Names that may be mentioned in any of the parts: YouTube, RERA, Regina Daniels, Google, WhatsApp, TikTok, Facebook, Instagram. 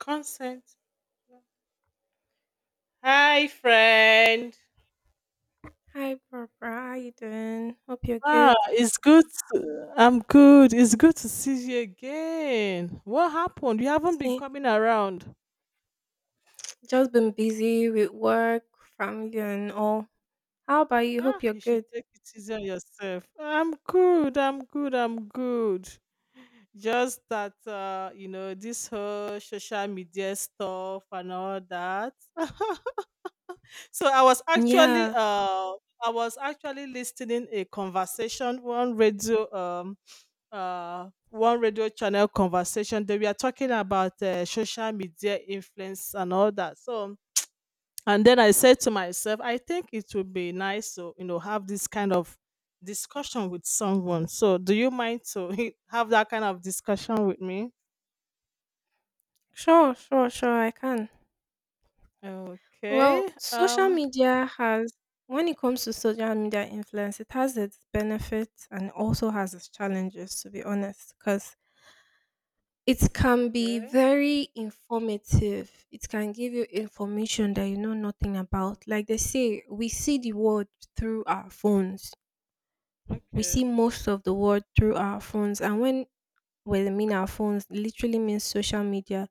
Consent. Hi, friend. Hi, Barbara. How you doing? Hope you're Ah, good. it's good. I'm good. It's good to see you again. What happened? You haven't been See, coming around. just been busy with work, family, and all. How about you? Ah, Hope you're you should good. take it easy on yourself. I'm good. I'm good. I'm good. Just that, you know, this whole social media stuff and all that. So Yeah, I was actually listening a conversation on radio, one radio channel conversation that we are talking about social media influence and all that. So, and then I said to myself, I think it would be nice to you know have this kind of discussion with someone. So, do you mind to have that kind of discussion with me? sure, sure, sure. I can. Well, Okay. When it comes to social media influence, it has its benefits and also has its challenges, to be honest, because it can be Okay. very informative. It can give you information that you know nothing about. Like they say, we see the world through our phones. We see Okay. most of the world through our phones, and when I mean our phones, it literally means social media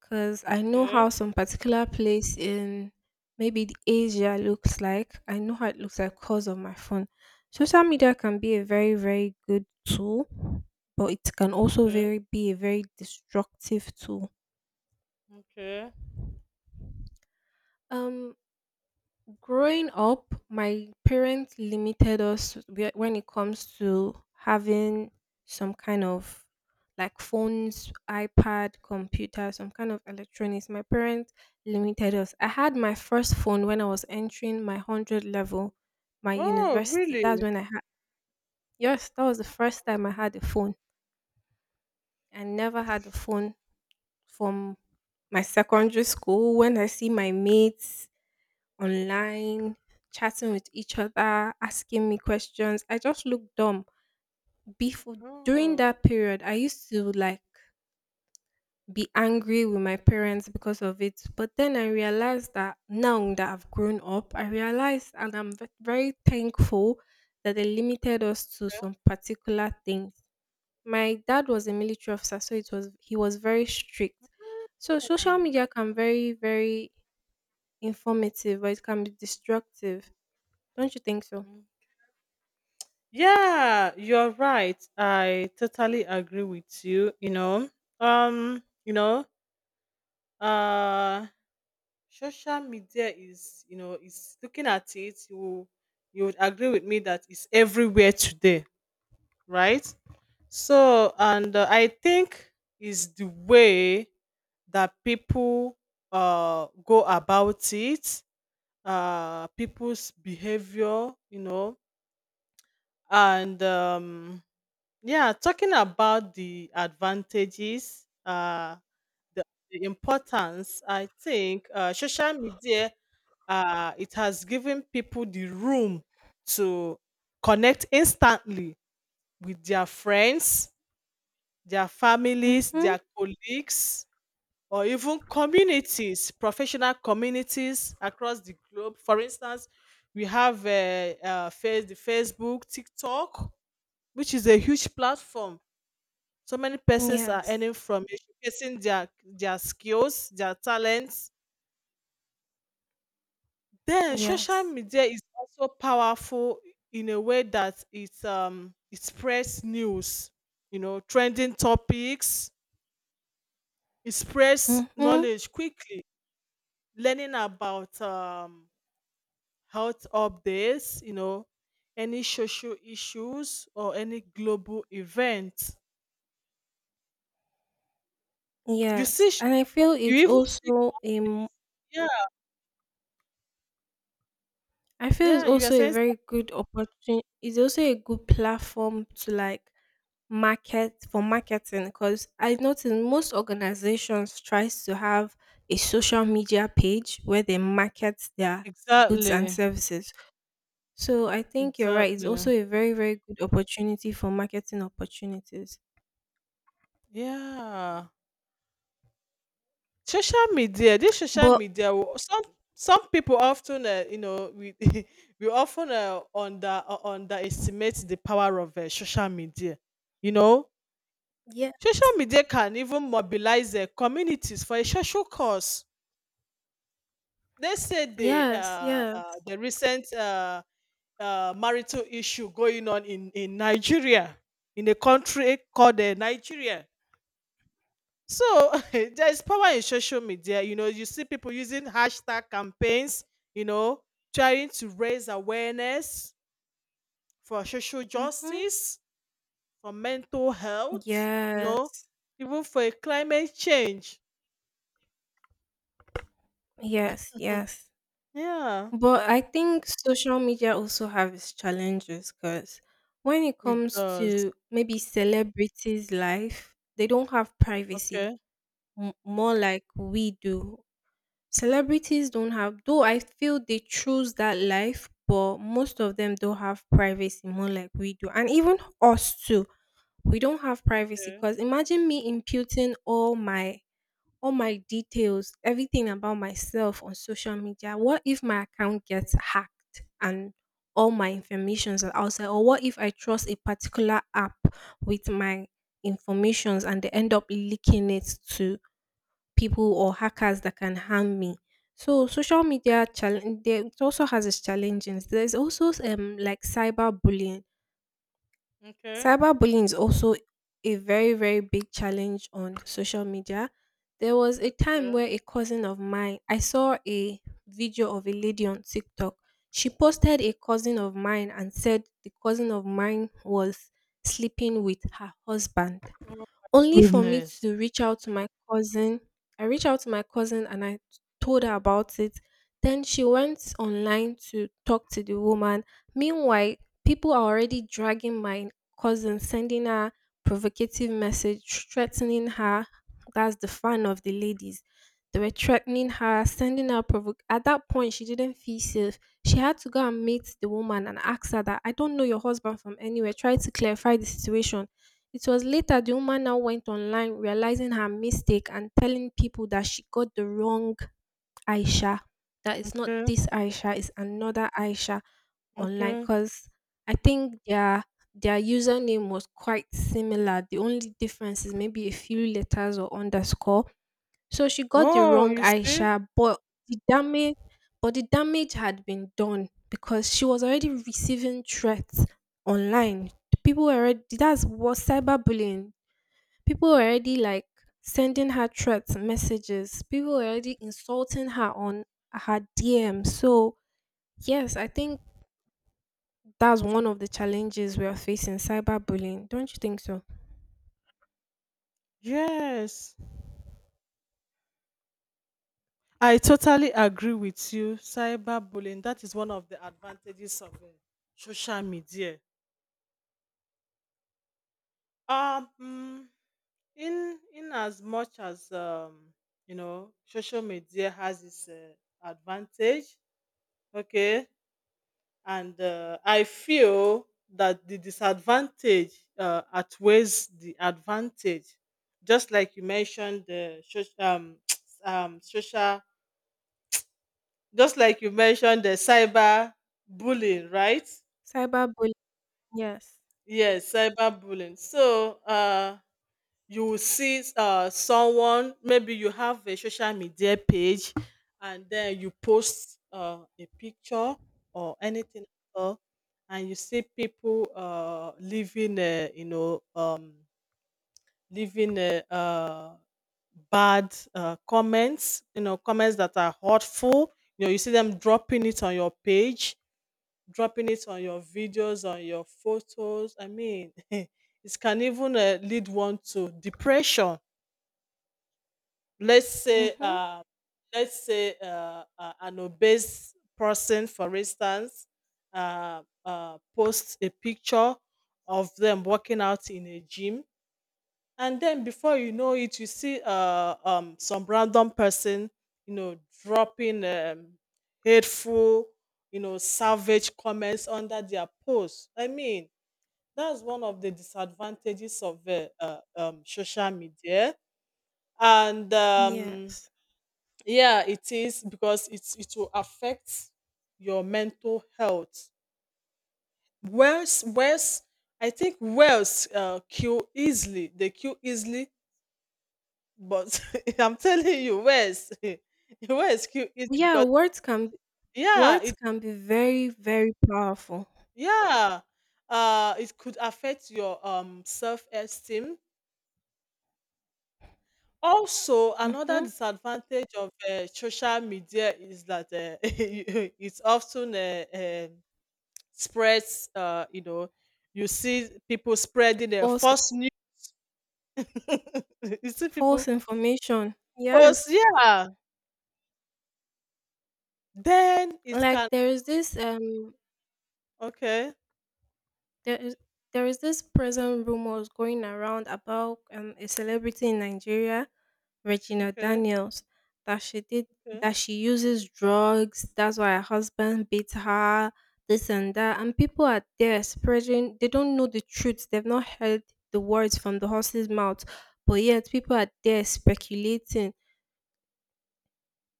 because I know how Okay. some particular place in maybe the Asia looks like. I know how it looks like because of my phone. Social media can be a very, very good tool, but it can also Okay. very be a very destructive tool. Okay. Um Growing up, my parents limited us when it comes to having some kind of like phones, iPad, computer, some kind of electronics. My parents limited us. I had my first phone when I was entering my 100 level, my Oh, university. really? That's when I had, yes, that was the first time I had a phone. I never had a phone from my secondary school. When I see my mates, online, chatting with each other, asking me questions. I just looked dumb. Before During Oh. that period, I used to like be angry with my parents because of it. But then I realized that now that I've grown up, I realized, and I'm very thankful that they limited us to some particular things. My dad was a military officer, so it was he was very strict. So social media can very, very informative, but it can be destructive. Don't you think so? Mm. Yeah, you're right. I totally agree with you. You know, uh, social media is looking at it. You would agree with me that it's everywhere today, right? So, and I think is the way that people go about it, people's behavior, you know, and yeah, talking about the advantages, the, the importance. I think social media, it has given people the room to connect instantly with their friends, their families, Mhm. their colleagues, or even communities, professional communities, across the globe. For instance, we have face the Facebook, TikTok, which is a huge platform. So many persons are earning Yes. from it, showcasing their skills, their talents. Then social Yes. media is also powerful in a way that it it spreads news, you know, trending topics. It spreads Mhm. knowledge quickly. Learning about health updates, you know, any social issues or any global event. You Yes. see, sh- And I feel you it's even see also a companies. m- Yeah, I feel it's yeah. You are also a saying very good opportunity. It's also a good platform to like market for marketing because I noticed most organizations tries to have a social media page where they market their goods and exactly, services. So I think you're right. It's exactly. also a very very good opportunity for marketing opportunities. Yeah, social media. This social But media. Some people often, you know, we we often underestimate the power of social media. You know, yeah, social media can even mobilize communities for a social cause. Let's say yes, yes. The recent, marital issue going on in Nigeria, in a country called Nigeria. So there is power in social media. You know, you see people using hashtag campaigns, you know, trying to raise awareness for social Mhm. justice, for mental health, you know, Yes, even for climate change. yes, Mhm. yes. Yeah, But I think social media also have its challenges because when it it comes does. to maybe celebrities' life, they don't have privacy, Okay. more like we do. Celebrities don't have, though I feel they choose that life, but most of them don't have privacy, more like we do. And even us too, we don't have privacy Okay. because imagine me imputing all my details, everything about myself on social media? What if my account gets hacked and all my informations are outside? Or what if I trust a particular app with my informations and they end up leaking it to people or hackers that can harm me? So social media challenge it also has its challenges. There's also like cyberbullying. Okay. Cyberbullying is also a very, very big challenge on social media. There was a time Okay. where a cousin of mine, I saw a video of a lady on TikTok. She posted a cousin of mine and said the cousin of mine was sleeping with her husband Oh only for me goodness. to reach out to my cousin. I reached out to my cousin and I told her about it. Then she went online to talk to the woman. Meanwhile, people are already dragging my cousin, sending her provocative message, threatening her. That's the fan of the ladies. They were threatening her, sending her provo. At that point, she didn't feel safe. She had to go and meet the woman and ask her that I don't know your husband from anywhere. Try to clarify the situation. It was later the woman now went online, realizing her mistake, and telling people that she got the wrong Aisha. That is not Okay. this Aisha, it's another Aisha online Okay. because I think their username was quite similar. The only difference is maybe a few letters or underscore. So she got the Oh, wrong you see? Aisha, but the damage the damage had been done because she was already receiving threats online. People were already That's what cyberbullying. People were already like sending her threats messages. People were already insulting her on her DM. So yes, I think that's one of the challenges we are facing, cyberbullying. Don't you think so? Yes. I totally agree with you. Cyberbullying, that is one of the advantages of social media. Um, mm, in as much as you know, social media has its advantage, okay, and I feel that the disadvantage outweighs the advantage. Just like you mentioned the soc- um social, just like you mentioned the cyber bullying, right? Cyberbullying, yes. Yes, cyberbullying. So you will see someone, maybe you have a social media page, and then you post a picture or anything at all, and you see people living, you know, living bad, comments, you know, comments that are hurtful. You know, you see them dropping it on your page, dropping it on your videos, on your photos. I mean, it can even lead one to depression. Let's say, Mm-hmm. let's say an obese person, for instance, posts a picture of them working out in a gym, and then before you know it, you see some random person, you know, dropping, hateful, you know, savage comments under their post. I mean, that's one of the disadvantages of, social media, and Yes. yeah, it is because it will affect your mental health, whereas I think whales kill easily. They kill easily. But I'm telling you, where's where's Q easy, Yeah, because words can yeah, Words it can be very, very powerful. yeah, it could affect your self esteem. Also, another Hmm. disadvantage of social media is that it's often spreads. You know, you see people spreading False, false news. You see false people information. Yes. post, yeah. Then it can, Like okay, there is there is this present rumors going around about a celebrity in Nigeria, Regina okay, Daniels, that she did okay. that she uses drugs. That's why her husband beat her. This and that, Yeah, and people are there spreading. They don't know the truth. They've not heard the words from the horse's mouth, but yet people are there speculating,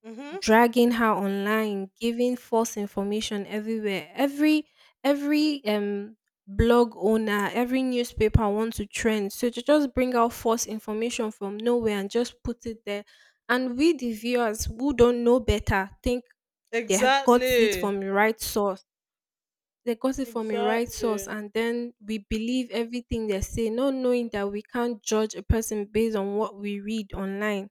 mm-hmm. dragging her online, giving false information everywhere. Every blog owner, every newspaper wants to trend. So to just bring out false information from nowhere and just put it there. And we the viewers who don't know better think they had got it Exactly. from the right source. They got it from the right source, Exactly. and then we believe everything they say, not knowing that we can't judge a person based on what we read online.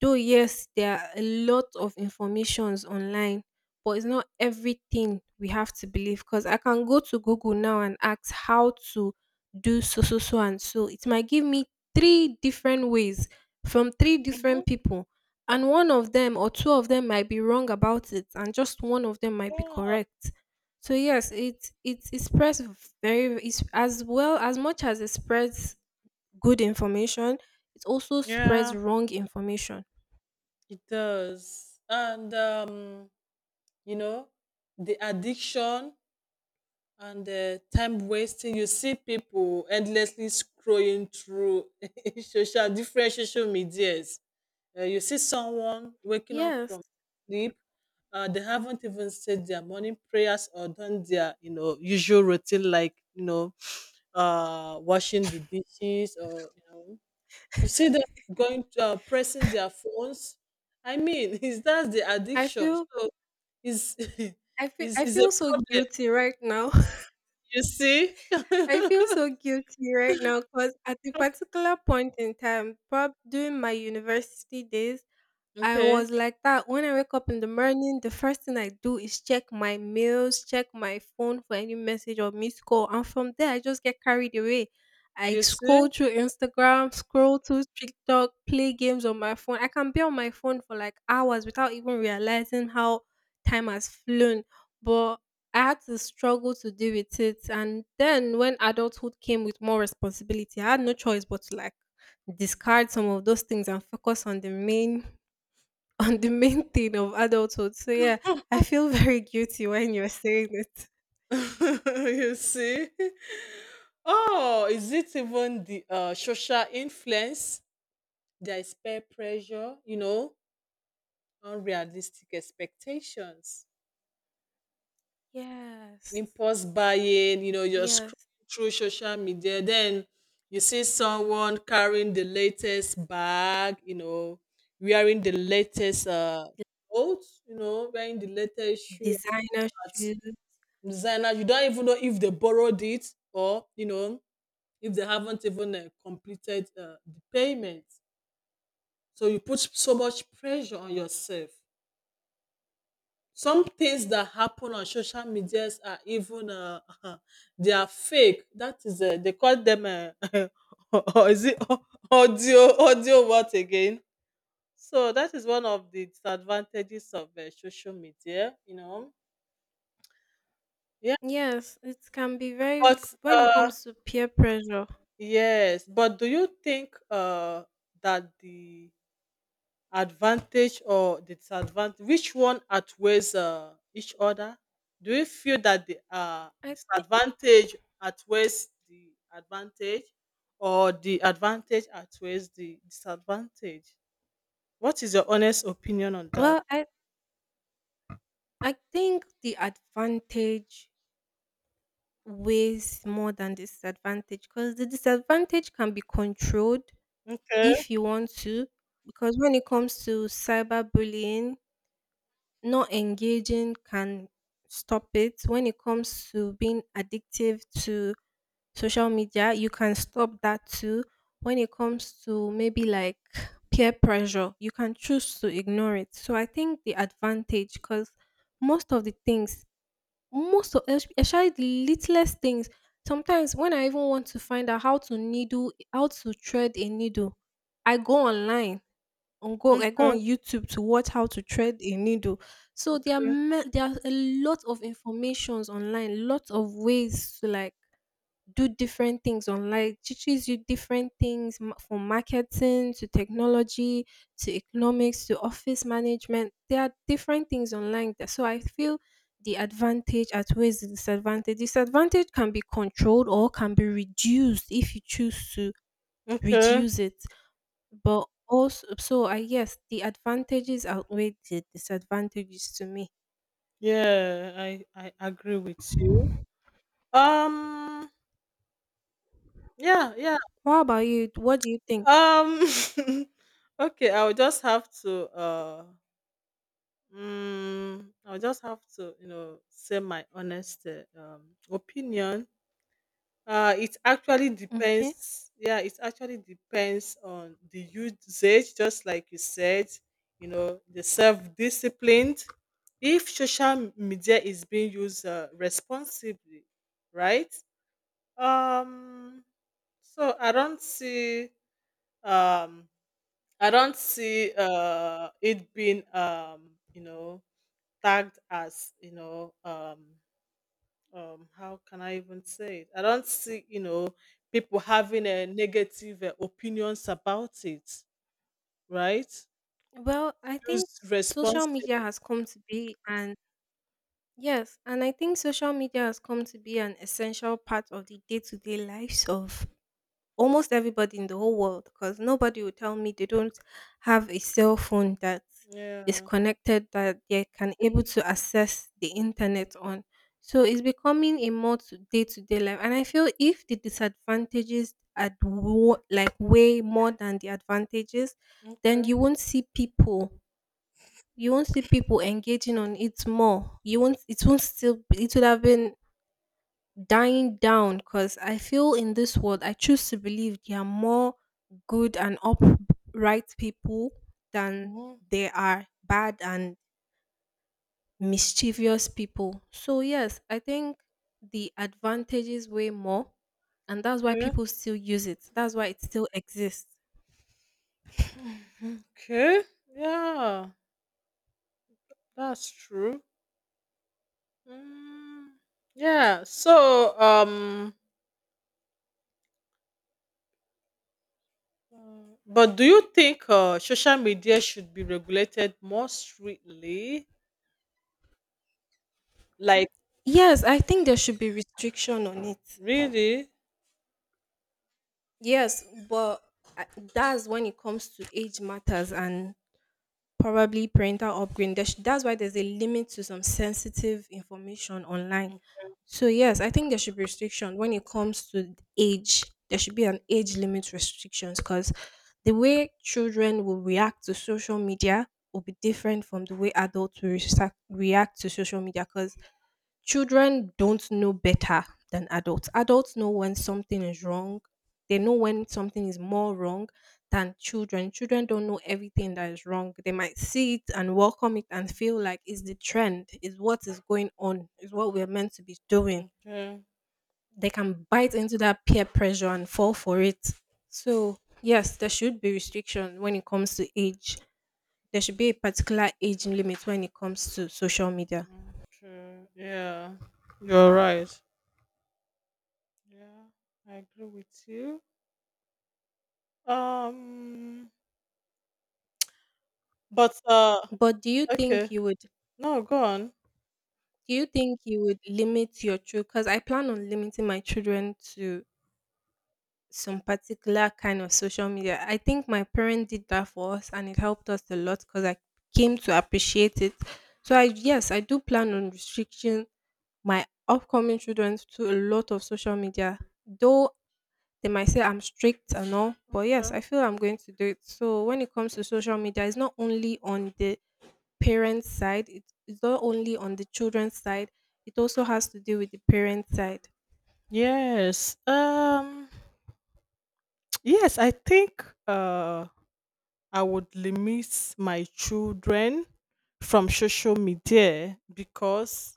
Though yes, there are a lot of informations online, but it's not everything we have to believe because I can go to Google now and ask how to do so so so and so. It might give me three different ways from three Hmm. different people. And one of them or two of them might be wrong about it, and just one of them might be Yeah. correct. So yes, it spreads very it's as well as much as it spreads good information, it also spreads Yeah, wrong information. it does. And you know, the addiction and the time wasting. You see people endlessly scrolling through social, different social medias. You see someone waking up Yes, from sleep. They haven't even said their morning prayers or done their, you know, usual routine, like, you know, washing the dishes or you know. You see them going to pressing their phones. I mean, is that the I addiction? feel So is I feel I is a feel so problem. guilty right now. You see? I feel so guilty right now because at a particular point in time, prob during my university days, I Okay. was like that. When I wake up in the morning, the first thing I do is check my mails, check my phone for any message or missed call. And from there, I just get carried away. I You see? scroll through Instagram, scroll through TikTok, play games on my phone. I can be on my phone for like hours without even realizing how time has flown. But I had to struggle to deal with it. And then when adulthood came with more responsibility, I had no choice but to like discard some of those things and focus on the main on the main thing of adulthood. So yeah, I feel very guilty when you're saying it. You see? Oh, is it even the social influence? There is peer pressure, you know, unrealistic expectations, Yes. impulse buying. You know, you're Yes. scrolling through social media, then you see someone carrying the latest bag, you know, wearing the latest coat, you know, wearing the latest shoe Designer at shoes. designer. You don't even know if they borrowed it, or, you know, if they haven't even completed the payment. So you put so much pressure on yourself. Some things that happen on social medias are even, they are fake. That is, they call them, or is it audio what again? So that is one of the disadvantages of social media, you know. Yeah, Yes, it can be very but when it comes to peer pressure. yes, but do you think that the advantage or disadvantage, which one outweighs each other? Do you feel that the I think disadvantage outweighs the advantage, or the advantage outweighs the disadvantage? What is your honest opinion on that? well, I think the advantage weighs more than disadvantage because the disadvantage can be controlled Okay. if you want to. Because when it comes to cyberbullying, not engaging can stop it. When it comes to being addictive to social media, you can stop that too. When it comes to maybe like peer pressure, you can choose to ignore it. So I think the advantage, because most of the things, most of especially the littlest things, sometimes when I even want to find out how to thread a needle, I go online I go Okay. on YouTube to watch how to thread a needle. So there are Okay, ma- there are a lot of informations online, lots of ways to like do different things online. It teaches you different things from marketing to technology to economics to office management. There are different things online. So I feel the advantage outweighs the disadvantage. Disadvantage can be controlled or can be reduced if you choose to okay. reduce it. But also, so I guess the advantages outweigh the disadvantages to me. Yeah, I agree with you. um yeah, yeah. What about you? What do you think? um okay, I'll just have to, you know, say my honest opinion. It actually Okay. depends. Yeah, it actually depends on the usage, just like you said, you know, the self-disciplined. If social media is being used responsibly, right? Um, so um, I don't see it being, you know, tagged as, you know, how can I even say it, I don't see, you know, people having a negative opinions about it, right? Well, I think Use social responsibly. media has come to be an, yes, and I think social media has come to be an essential part of the day-to-day lives of almost everybody in the whole world because nobody will tell me they don't have a cell phone that is Yeah. connected that they can able to access the internet on. So it's becoming a more to day-to-day life, and I feel if the disadvantages are like way more than the advantages, then you won't see people engaging on it more. You won't it won't still It would have been dying down because I feel in this world, I choose to believe there are more good and upright people than Mhm. there are bad and mischievous people. So, yes, I think the advantages way more, and that's why Okay. people still use it, that's why it still exists. Mhm. Okay. Yeah. That's true. Mm. Yeah. So but do you think social media should be regulated more strictly, like, Yes, I think there should be restriction on it. really? Yes, but I- that's when it comes to age matters and probably parental upbringing. There's, that's why there's a limit to some sensitive information online. So yes, I think there should be restriction when it comes to age. There should be an age limit restrictions because the way children will react to social media will be different from the way adults will react to social media. Because children don't know better than adults. Adults know when something is wrong. They know when something is more wrong than children. Children don't know everything that is wrong. They might see it and welcome it and feel like it's the trend, is what is going on, is what we're meant to be doing. Okay. They can bite into that peer pressure and fall for it. So, yes, there should be restriction when it comes to age. There should be a particular age limit when it comes to social media. Okay. Yeah. You're right. Yeah. I agree with you. Um but But do you think okay. you would No, go on. Do you think you would limit your children? Because I plan on limiting my children to some particular kind of social media. I think my parent did that for us and it helped us a lot because I came to appreciate it. So I yes, I do plan on restricting my upcoming children to a lot of social media. Though they might say I'm strict and all, but yes, Yeah. I feel I'm going to do it. So when it comes to social media, it's not only on the parents' side. It's not only on the children's side. It also has to do with the parents' side. Yes. Yes, I think I would limit my children from social media, because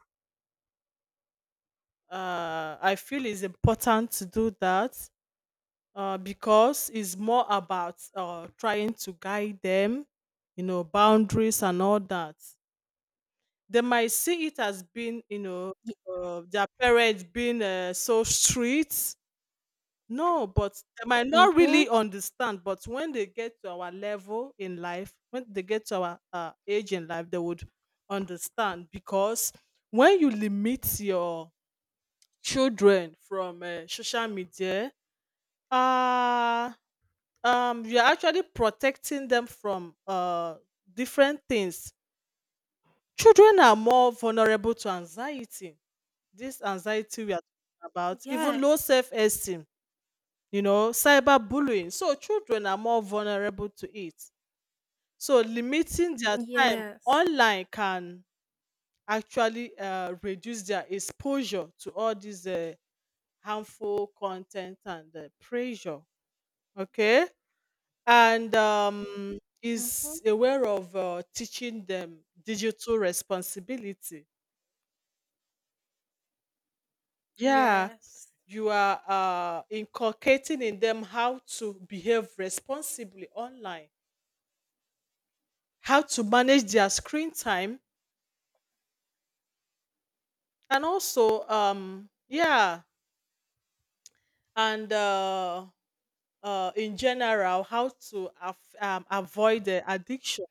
I feel it's important to do that, because it's more about trying to guide them, you know, boundaries and all that. They might see it as being, you know, Y- their parents being so strict. No, but they might not Mhm. really understand. But when they get to our level in life, when they get to our age in life, they would understand, because when you limit your children from social media, uh you're actually protecting them from different things. Children are more vulnerable to anxiety, this anxiety we are talking about, even low Yes. self-esteem, you know, cyberbullying. So children are more vulnerable to it, so limiting their time Yes. online can actually reduce their exposure to all these harmful content and pressure. Okay. And Mhm. is aware of teaching them digital responsibility. Yeah, Yes. you are inculcating in them how to behave responsibly online, how to manage their screen time, and also, yeah, and, in general, how to avoid the addiction.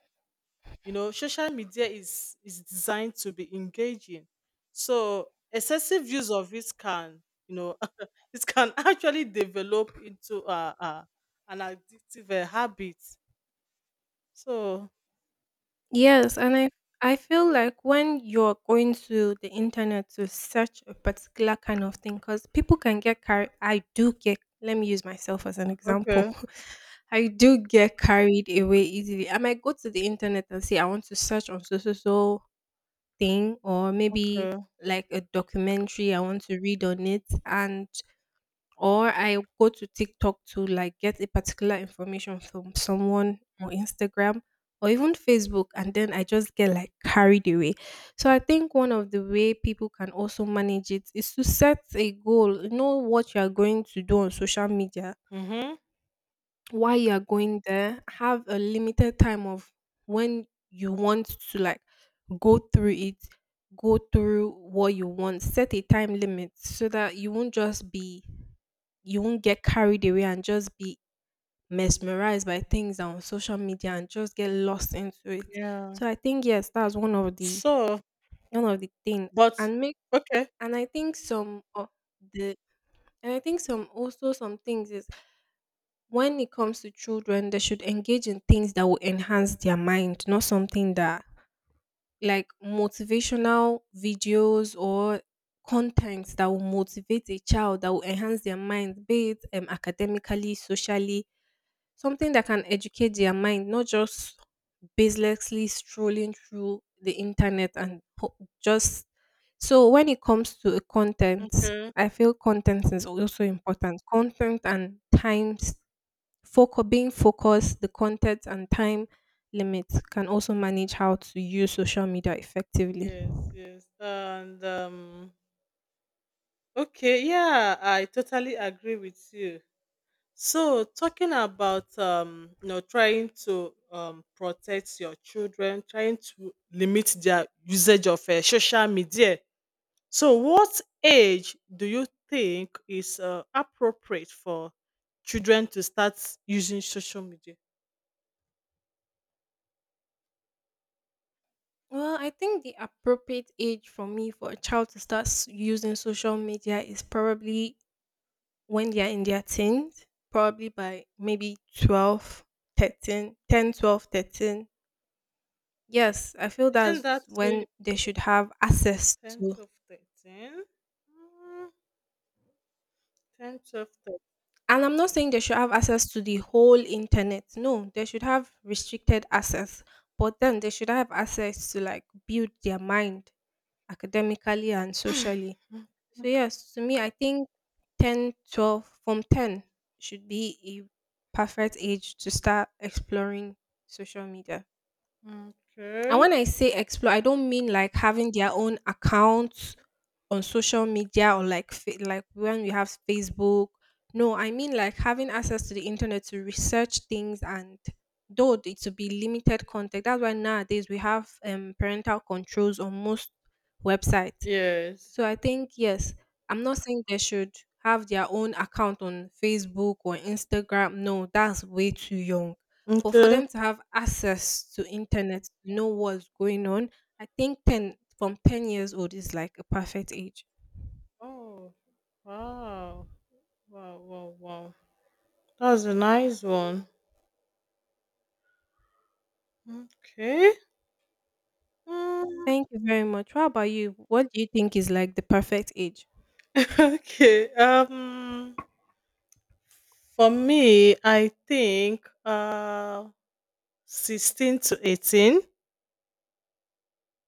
You know, social media is designed to be engaging, so excessive use of it can, you know, it can actually develop into an addictive habit. So Yes, and I feel like when you're going to the internet to search a particular kind of thing, because people can get carried. I do get. Let me use myself as an example. okay, I do get carried away easily. I might go to the internet and say I want to search on so so so thing or maybe okay, like a documentary I want to read on it and or I go to TikTok to like get a particular information from someone or Instagram or even Facebook and then I just get like carried away. So I think one of the way people can also manage it is to set a goal. Know what you are going to do on social media, mm-hmm. why you are going there, have a limited time of when you want to like go through it, go through what you want, set a time limit so that you won't just be, you won't get carried away and just be mesmerized by things on social media and just get lost into it. Yeah, So I think yes, that's so one of the thing but and make okay. and i think some of the and I think some, also some things is, when it comes to children, they should engage in things that will enhance their mind, not something that, like motivational videos or content that will motivate a child, that will enhance their mind, be it academically, socially, something that can educate their mind, not just baselessly strolling through the internet and just. So when it comes to a content, Okay, I feel content is also important. Content and times, Foco being focused, the content and time limits can also manage how to use social media effectively. yes, yes. And okay, yeah, I totally agree with you. So, talking about, you know, trying to, protect your children, trying to limit their usage of social media. So, what age do you think is appropriate for children to start using social media? Well, I think the appropriate age for me for a child to using social media is probably when they are in their teens, probably by maybe 12, 13, 10, 12, 13. Yes, I feel Isn't that's that three- when they should have access 10 to. to 13? Mm, 10 to And I'm not saying they should have access to the whole internet. No, they should have restricted access. But then they should have access to like build their mind academically and socially. So yes, to me I think 10, 12, from 10 should be a perfect age to start exploring social media. 13. And Okay. when I say explore, I don't mean like having their own accounts on social media or like when we have Facebook. No, I mean like having access to the internet to research things and though it to be limited contact. That's why nowadays we have parental controls on most websites. Yes. So I think yes, I'm not saying they should have their own account on Facebook or Instagram. No, that's way too young. But for Okay. them to have access to internet, to know what's going on, I think 10 years old is like a perfect age. Oh, wow. Wow, wow, wow. That's a nice one. Okay. Mm. Thank you very much. How about you? What do you think is like the perfect age? Okay. For me, I think 16 to 18.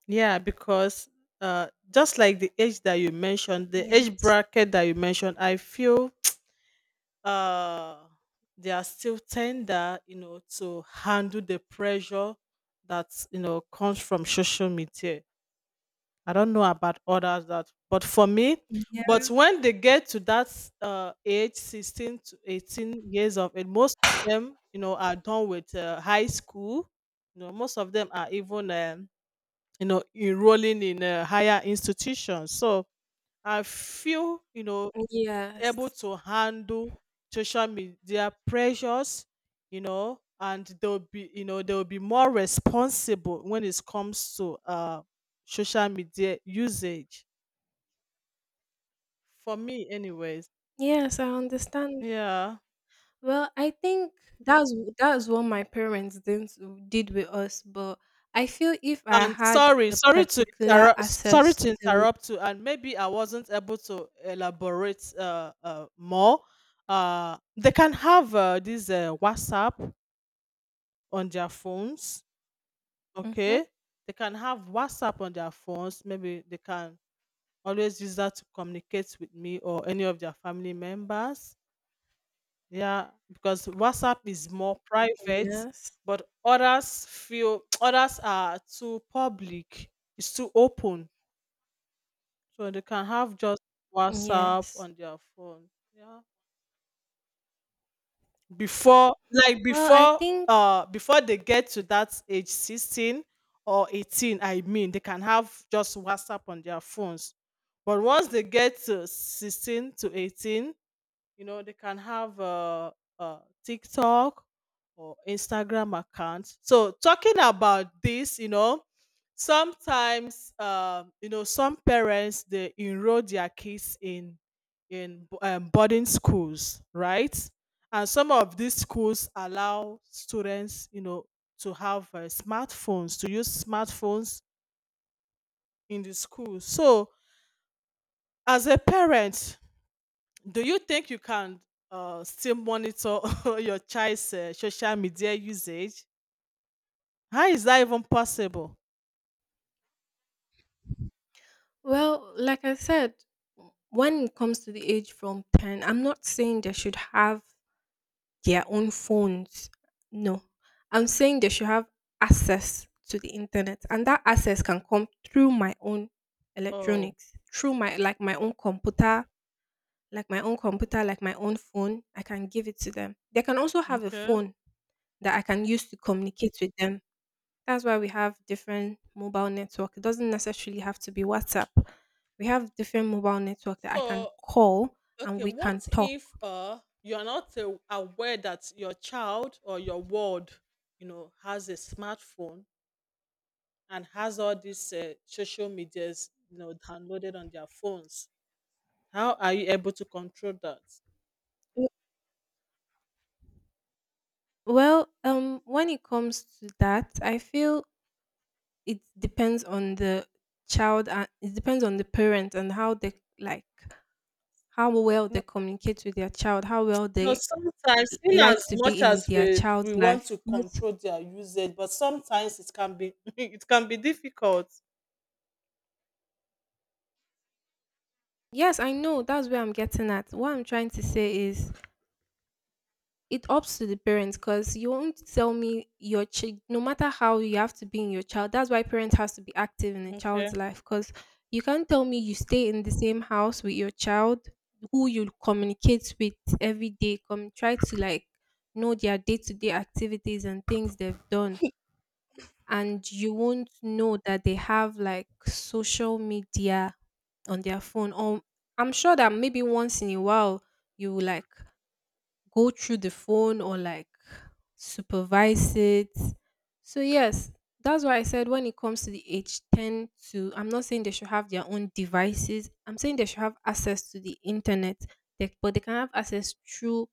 Yeah, because just like the age that you mentioned, the age bracket that you mentioned, I feel, uh they are still tender, you know, to handle the pressure that, you know, comes from social media. I don't know about others that, but for me, Yes. but when they get to that age, 16 to 18 years of age, most of them, you know, are done with high school. You know, most of them are even, you know, enrolling in higher institutions. So I feel, you know, able Yes. to handle social media pressures, you know, and they'll be, you know, they'll be more responsible when it comes to social media usage. For me anyways. Yes, I understand. Yeah. Well, I think that's what my parents didn't did with us, but I feel if I And had sorry, a sorry to particular interrupt, sorry access to to. interrupt you, and maybe I wasn't able to elaborate more. They can have this WhatsApp on their phones. Hmm. Okay, they can have WhatsApp on their phones. Maybe they can always use that to communicate with me or any of their family members. Yeah, because WhatsApp is more private, Yes. but others feel, others are too public. It's too open, so they can have just WhatsApp Yes. on their phone. Yeah, before, like, Well, I before think, before they get to that age 16 or 18, I mean, they can have just WhatsApp on their phones. But once they get to 16 to 18, you know, they can have uh, TikTok or Instagram accounts. So, talking about this, you know, sometimes, you know, some parents, they enroll their kids in, boarding schools, right? And some of these schools allow students, you know, to have smartphones, to use smartphones in the school. So as a parent, do you think you can still monitor your child's social media usage? How is that even possible? well, like I said, when it comes to the age from 10, I'm not saying they should have their own phones. No, I'm saying they should have access to the internet, and that access can come through my own Oh, electronics, through my like my own computer, like my own phone. I can give it to them. They can also have a okay. phone that I can use to communicate with them. That's why we have different mobile network. It doesn't necessarily have to be WhatsApp. We have different mobile network that I can So call and okay. we can What talk. if you're not aware that your child or your ward, you know, has a smartphone and has all these social medias, you know, downloaded on their phones? How are you able to control that? Well, when it comes to that, I feel it depends on the child and it depends on the parent and how they, like, how well they communicate with their child, how well No, they sometimes in like as to be much in as their we child's we life. want to control their usage, but sometimes it can be it can be difficult. Yes, I know that's where I'm getting at. What I'm trying to say is it ups to the parents because you won't tell me your child no matter how you have to be in your child. That's why parents has to be active in a child's Okay, life, because you can't tell me you stay in the same house with your child who you communicate with every day, come try to like know their day-to-day activities and things they've done, and you won't know that they have like social media on their phone. Or I'm sure that maybe once in a while you will like go through the phone or like supervise it. So yes, that's why I said when it comes to the age 10 to, I'm not saying they should have their own devices. I'm saying they should have access to the internet. But they can have access through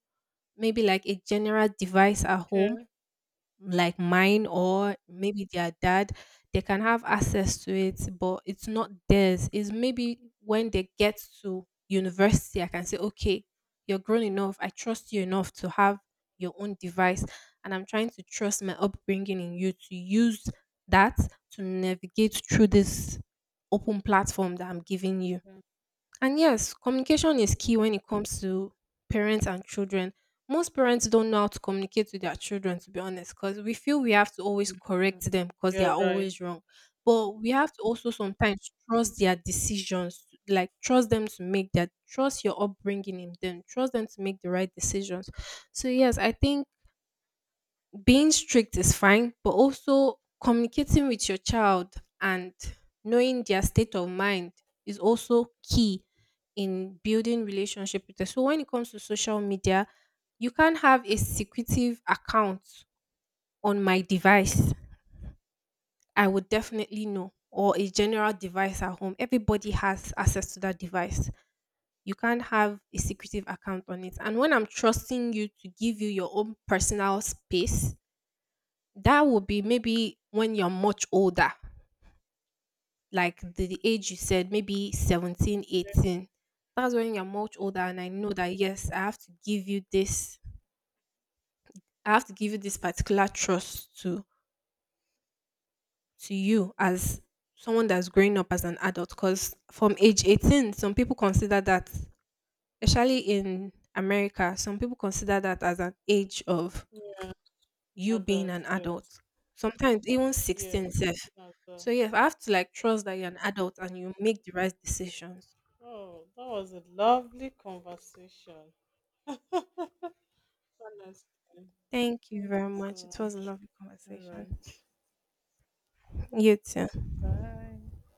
maybe like a general device at home okay, like mine or maybe their dad. They can have access to it, but it's not theirs. It's maybe when they get to university I can say, okay, you're grown enough, I trust you enough to have your own device, and I'm trying to trust my upbringing in you to use that to navigate through this open platform that I'm giving you. okay. And yes, communication is key when it comes to parents and children. Most parents don't know how to communicate with their children, to be honest, because we feel we have to always correct them because they You're are right. always wrong. But we have to also sometimes trust their decisions, like trust them to make that, trust your upbringing in them, trust them to make the right decisions. So, yes, I think being strict is fine, but also communicating with your child and knowing their state of mind is also key in building relationship with them. So when it comes to social media, you can't have a secretive account on my device. I would definitely know, or a general device at home. Everybody has access to that device. You can't have a secretive account on it. And when I'm trusting you to give you your own personal space, that would be maybe when you're much older, like the age you said, maybe 17, Mm. 18. That's when you're much older, and I know that yes, I have to give you this. I have to give you this particular trust to you as someone that's growing up as an adult. Because from age 18, some people consider that, especially in America, some people consider that as an age of Yeah, you being adult. an Yes, adult. Sometimes even yes. 16 self. It's as So well. yes, I have to like trust that you're an adult and you make the right decisions. Oh, that was a lovely conversation. Honestly, Thank you thank very you much. so It was a much. lovely All conversation. right, You too. bye.